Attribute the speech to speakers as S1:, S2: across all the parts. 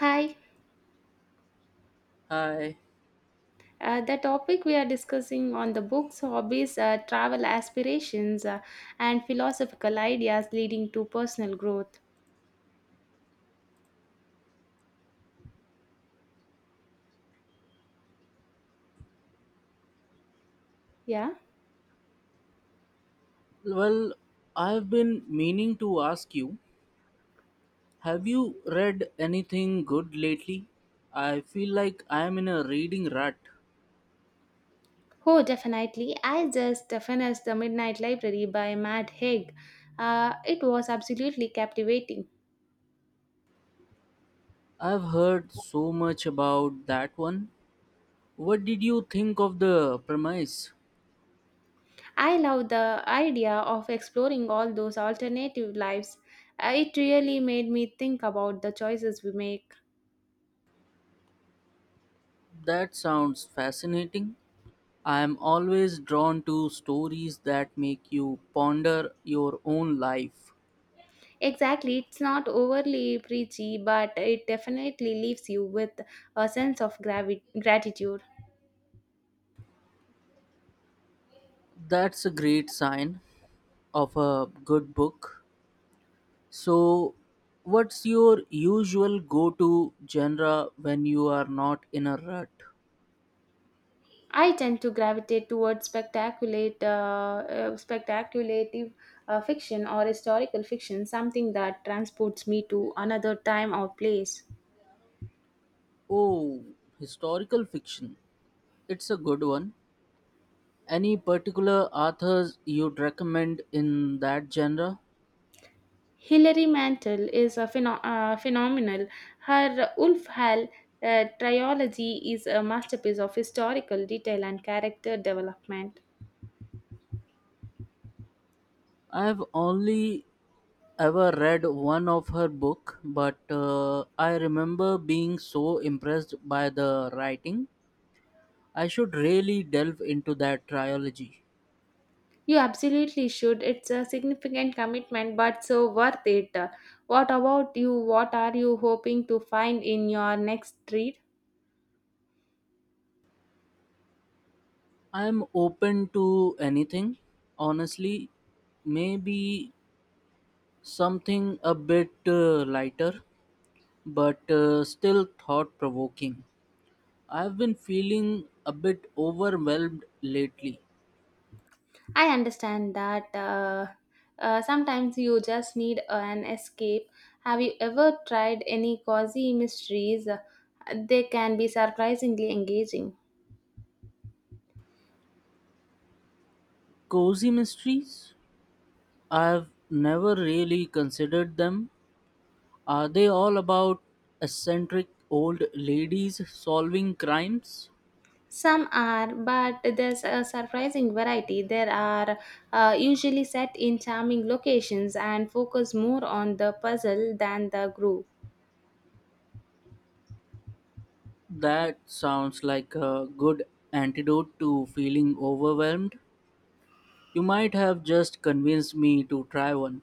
S1: Hi,
S2: Hi.
S1: the topic we are discussing on the books, hobbies, travel aspirations, and philosophical ideas leading to personal growth. Yeah.
S2: Well, I've been meaning to ask you, have you read anything good lately? I feel like I'm in a reading rut.
S1: Oh, definitely. I just finished The Midnight Library by Matt Haig. It was absolutely captivating.
S2: I've heard so much about that one. What did you think of the premise?
S1: I love the idea of exploring all those alternative lives. It really made me think about the choices we make.
S2: That sounds fascinating. I'm always drawn to stories that make you ponder your own life.
S1: Exactly, it's not overly preachy, but it definitely leaves you with a sense of gratitude.
S2: That's a great sign of a good book. So, what's your usual go to genre when you are not in a rut?
S1: I tend to gravitate towards spectaculative fiction or historical fiction, something that transports me to another time or place.
S2: Oh, historical fiction. It's a good one. Any particular authors you'd recommend in that genre?
S1: Hilary Mantel is a phenomenal. Her Ulf Hall trilogy is a masterpiece of historical detail and character development.
S2: I've only ever read one of her book, but I remember being so impressed by the writing. I should really delve into that trilogy.
S1: You absolutely should. It's a significant commitment, but so worth it. What about you? What are you hoping to find in your next read?
S2: I'm open to anything, honestly. Maybe something a bit lighter, but still thought provoking. I've been feeling a bit overwhelmed lately.
S1: I understand that. Sometimes you just need an escape. Have you ever tried any cozy mysteries? They can be surprisingly engaging.
S2: Cozy mysteries? I've never really considered them. Are they all about eccentric old ladies solving crimes?
S1: Some are, but there's a surprising variety. There are usually set in charming locations and focus more on the puzzle than the group.
S2: That sounds like a good antidote to feeling overwhelmed. You might have just convinced me to try one.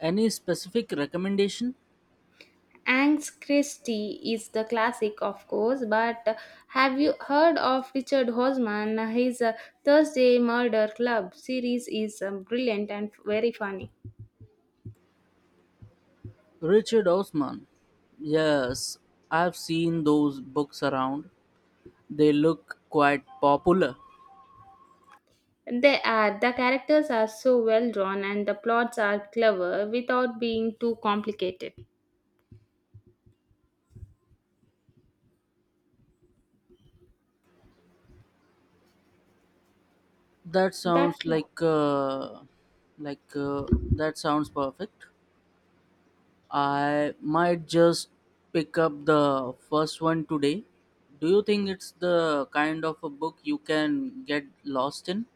S2: Any specific recommendation?
S1: Angst Christie is the classic, of course, but have you heard of Richard Hosman? His Thursday Murder Club series is brilliant and very funny.
S2: Richard Osman. Yes, I've seen those books around. They look quite popular.
S1: They are the characters are so well drawn and the plots are clever without being too complicated.
S2: That
S1: That's
S2: sounds like uh, like uh, that sounds perfect. I might just pick up the first one today. Do you think it's the kind of a book you can get lost in?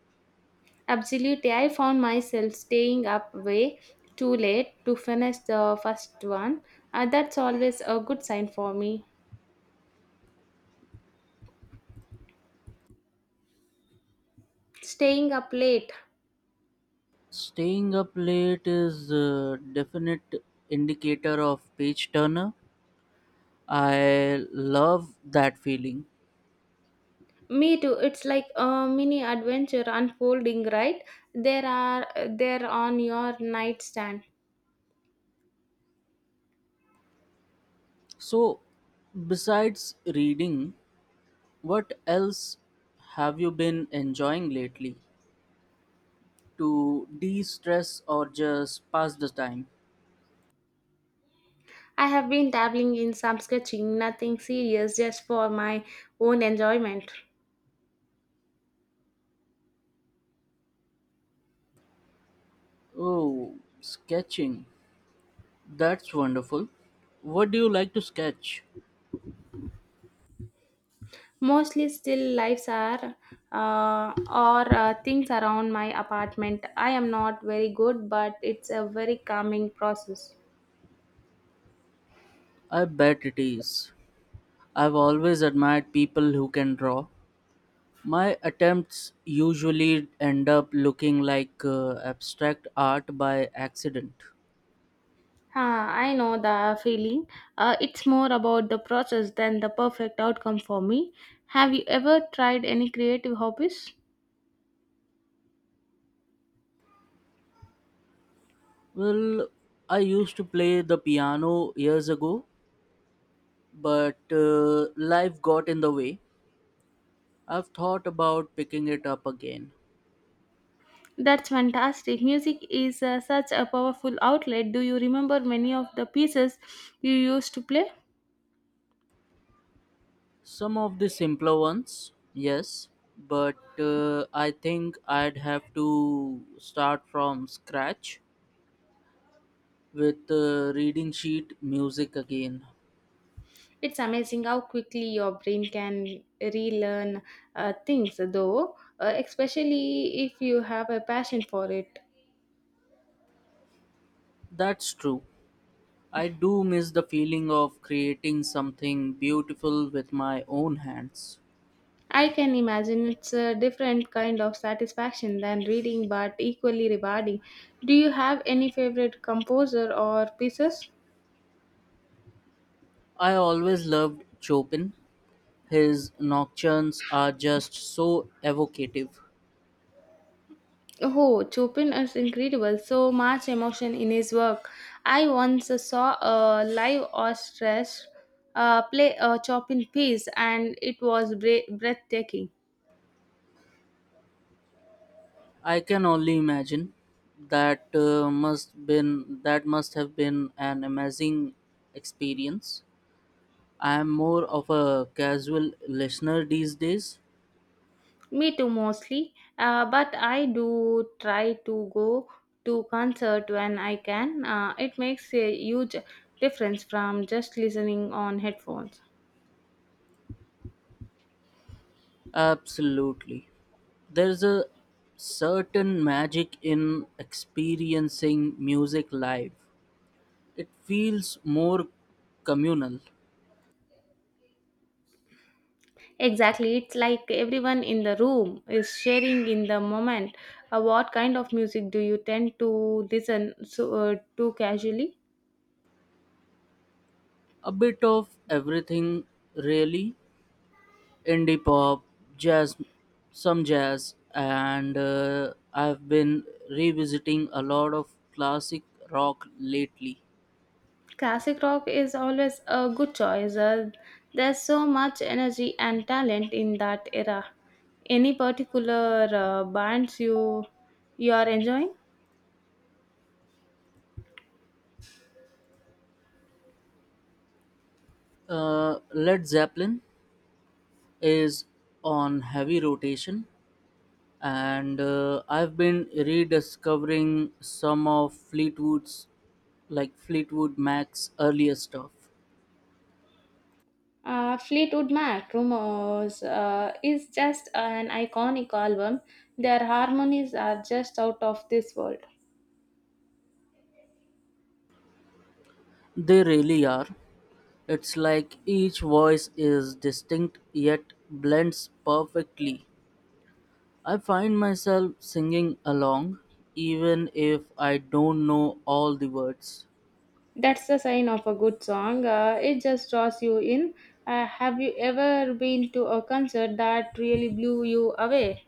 S1: Absolutely, I found myself staying up way too late to finish the first one. That's always a good sign for me. Staying up late.
S2: Staying up late is a definite indicator of page turner. I love that feeling.
S1: Me too. It's like a mini adventure unfolding, right? There are there on your nightstand.
S2: So, besides reading, what else have you been enjoying lately to de stress or just pass the time?
S1: I have been dabbling in some sketching, nothing serious, just for my own enjoyment.
S2: Oh, sketching. That's wonderful. What do you like to sketch?
S1: Mostly still lives are or things around my apartment. I am not very good, but it's a very calming process.
S2: I bet it is. I've always admired people who can draw. My attempts usually end up looking like abstract art by accident.
S1: Ah, I know the feeling. It's more about the process than the perfect outcome for me. Have you ever tried any creative hobbies?
S2: Well, I used to play the piano years ago, but life got in the way. I've thought about picking it up again.
S1: That's fantastic. Music is such a powerful outlet. Do you remember many of the pieces you used to play?
S2: Some of the simpler ones, yes, but I think I'd have to start from scratch with reading sheet music again.
S1: It's amazing how quickly your brain can relearn things, though, especially if you have a passion for it.
S2: That's true. I do miss the feeling of creating something beautiful with my own hands.
S1: I can imagine it's a different kind of satisfaction than reading, but equally rewarding. Do you have any favorite composer or pieces?
S2: I always loved Chopin. His nocturnes are just so evocative.
S1: Oh, Chopin is incredible. So much emotion in his work. I once saw a live orchestra play a Chopin piece, and it was breathtaking.
S2: I can only imagine that must been that must have been an amazing experience. I am more of a casual listener these days.
S1: Me too, mostly. But I do try to go to concert when I can. It makes a huge difference from just listening on headphones.
S2: Absolutely. There's a certain magic in experiencing music live. It feels more communal.
S1: Exactly, it's like everyone in the room is sharing in the moment. What kind of music do you tend to listen to casually?
S2: A bit of everything, really. Indie pop, jazz, some jazz, and I've been revisiting a lot of classic rock lately.
S1: Classic rock is always a good choice. There's so much energy and talent in that era. Any particular bands you are enjoying?
S2: Led Zeppelin is on heavy rotation, and I've been rediscovering some of Fleetwood's like Fleetwood Mac's earlier stuff.
S1: Fleetwood Mac, Rumors, is just an iconic album. Their harmonies are just out of this world.
S2: They really are. It's like each voice is distinct yet blends perfectly. I find myself singing along even if I don't know all the words.
S1: That's the sign of a good song. It just draws you in. Have you ever been to a concert that really blew you away?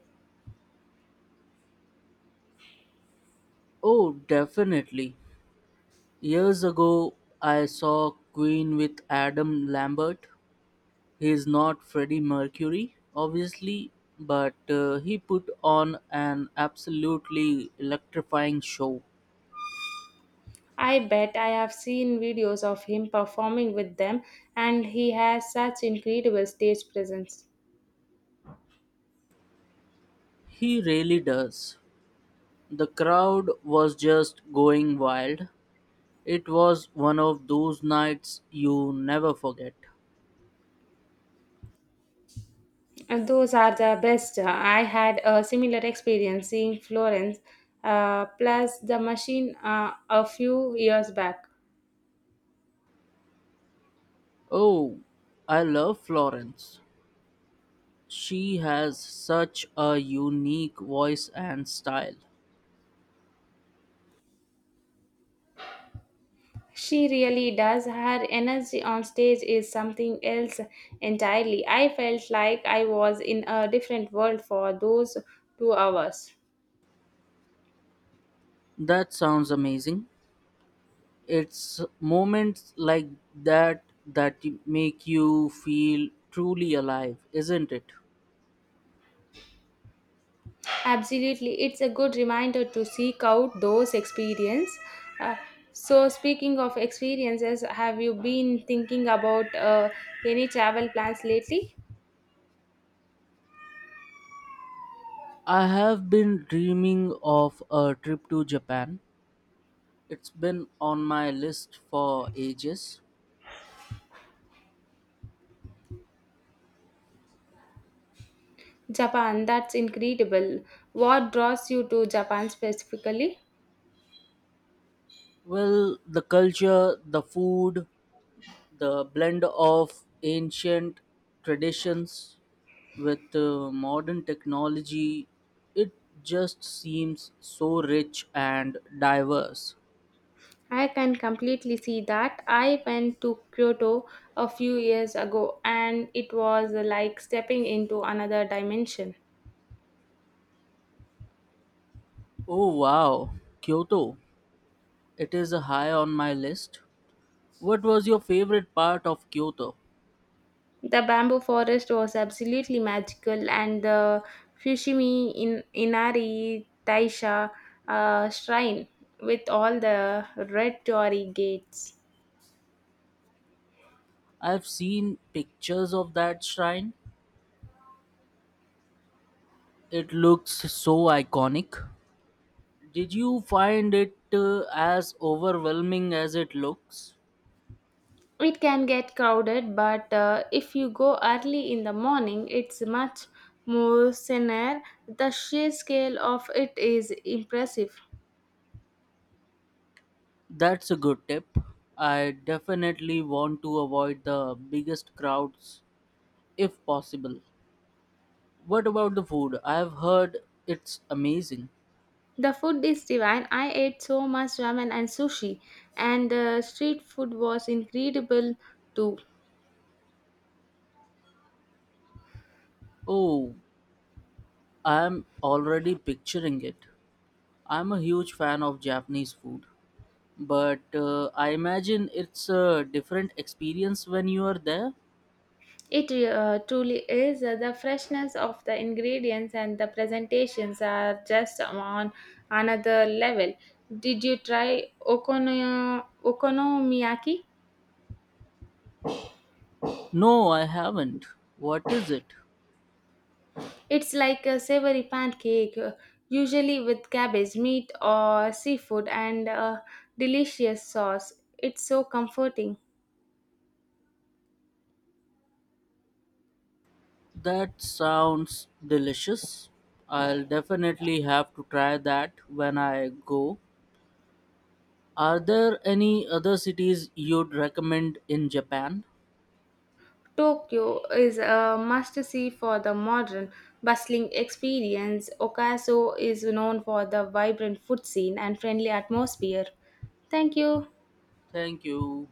S2: Oh, definitely. Years ago, I saw Queen with Adam Lambert. He's not Freddie Mercury, obviously, but he put on an absolutely electrifying show.
S1: I bet I have seen videos of him performing with them, and he has such incredible stage presence.
S2: He really does. The crowd was just going wild. It was one of those nights you never forget.
S1: And those are the best. I had a similar experience seeing Florence plus the machine a few years back.
S2: Oh, I love Florence. She has such a unique voice and style.
S1: She really does. Her energy on stage is something else entirely. I felt like I was in a different world for those 2 hours.
S2: That sounds amazing. It's moments like that that make you feel truly alive, isn't it?
S1: Absolutely, it's a good reminder to seek out those experience. Uh, so, speaking of experiences, have you been thinking about any travel plans lately?
S2: I have been dreaming of a trip to Japan. It's been on my list for ages.
S1: Japan, that's incredible. What draws you to Japan specifically?
S2: Well, the culture, the food, the blend of ancient traditions with modern technology, it just seems so rich and diverse.
S1: I can completely see that. I went to Kyoto a few years ago, and it was like stepping into another dimension.
S2: Oh wow, Kyoto. It is a high on my list. What was your favorite part of Kyoto?
S1: The bamboo forest was absolutely magical, and the Fushimi in Inari Taisha shrine with all the red torii gates.
S2: I've seen pictures of that shrine. It looks so iconic. Did you find it as overwhelming as it looks?
S1: It can get crowded, but if you go early in the morning, it's much more serene. The sheer scale of it is impressive.
S2: That's a good tip. I definitely want to avoid the biggest crowds if possible. What about the food? I've heard it's amazing.
S1: The food is divine. I ate so much ramen and sushi, and street food was incredible too.
S2: Oh, I'm already picturing it. I'm a huge fan of Japanese food, but I imagine it's a different experience when you are there.
S1: It truly is. The freshness of the ingredients and the presentations are just on another level. Did you try okonomiyaki?
S2: No, I haven't. What is it?
S1: It's like a savory pancake, usually with cabbage, meat, or seafood, and a delicious sauce. It's so comforting.
S2: That sounds delicious. I'll definitely have to try that when I go. Are there any other cities you'd recommend in Japan?
S1: Tokyo is a must see for the modern, bustling experience. Okaso is known for the vibrant food scene and friendly atmosphere. Thank you.
S2: Thank you.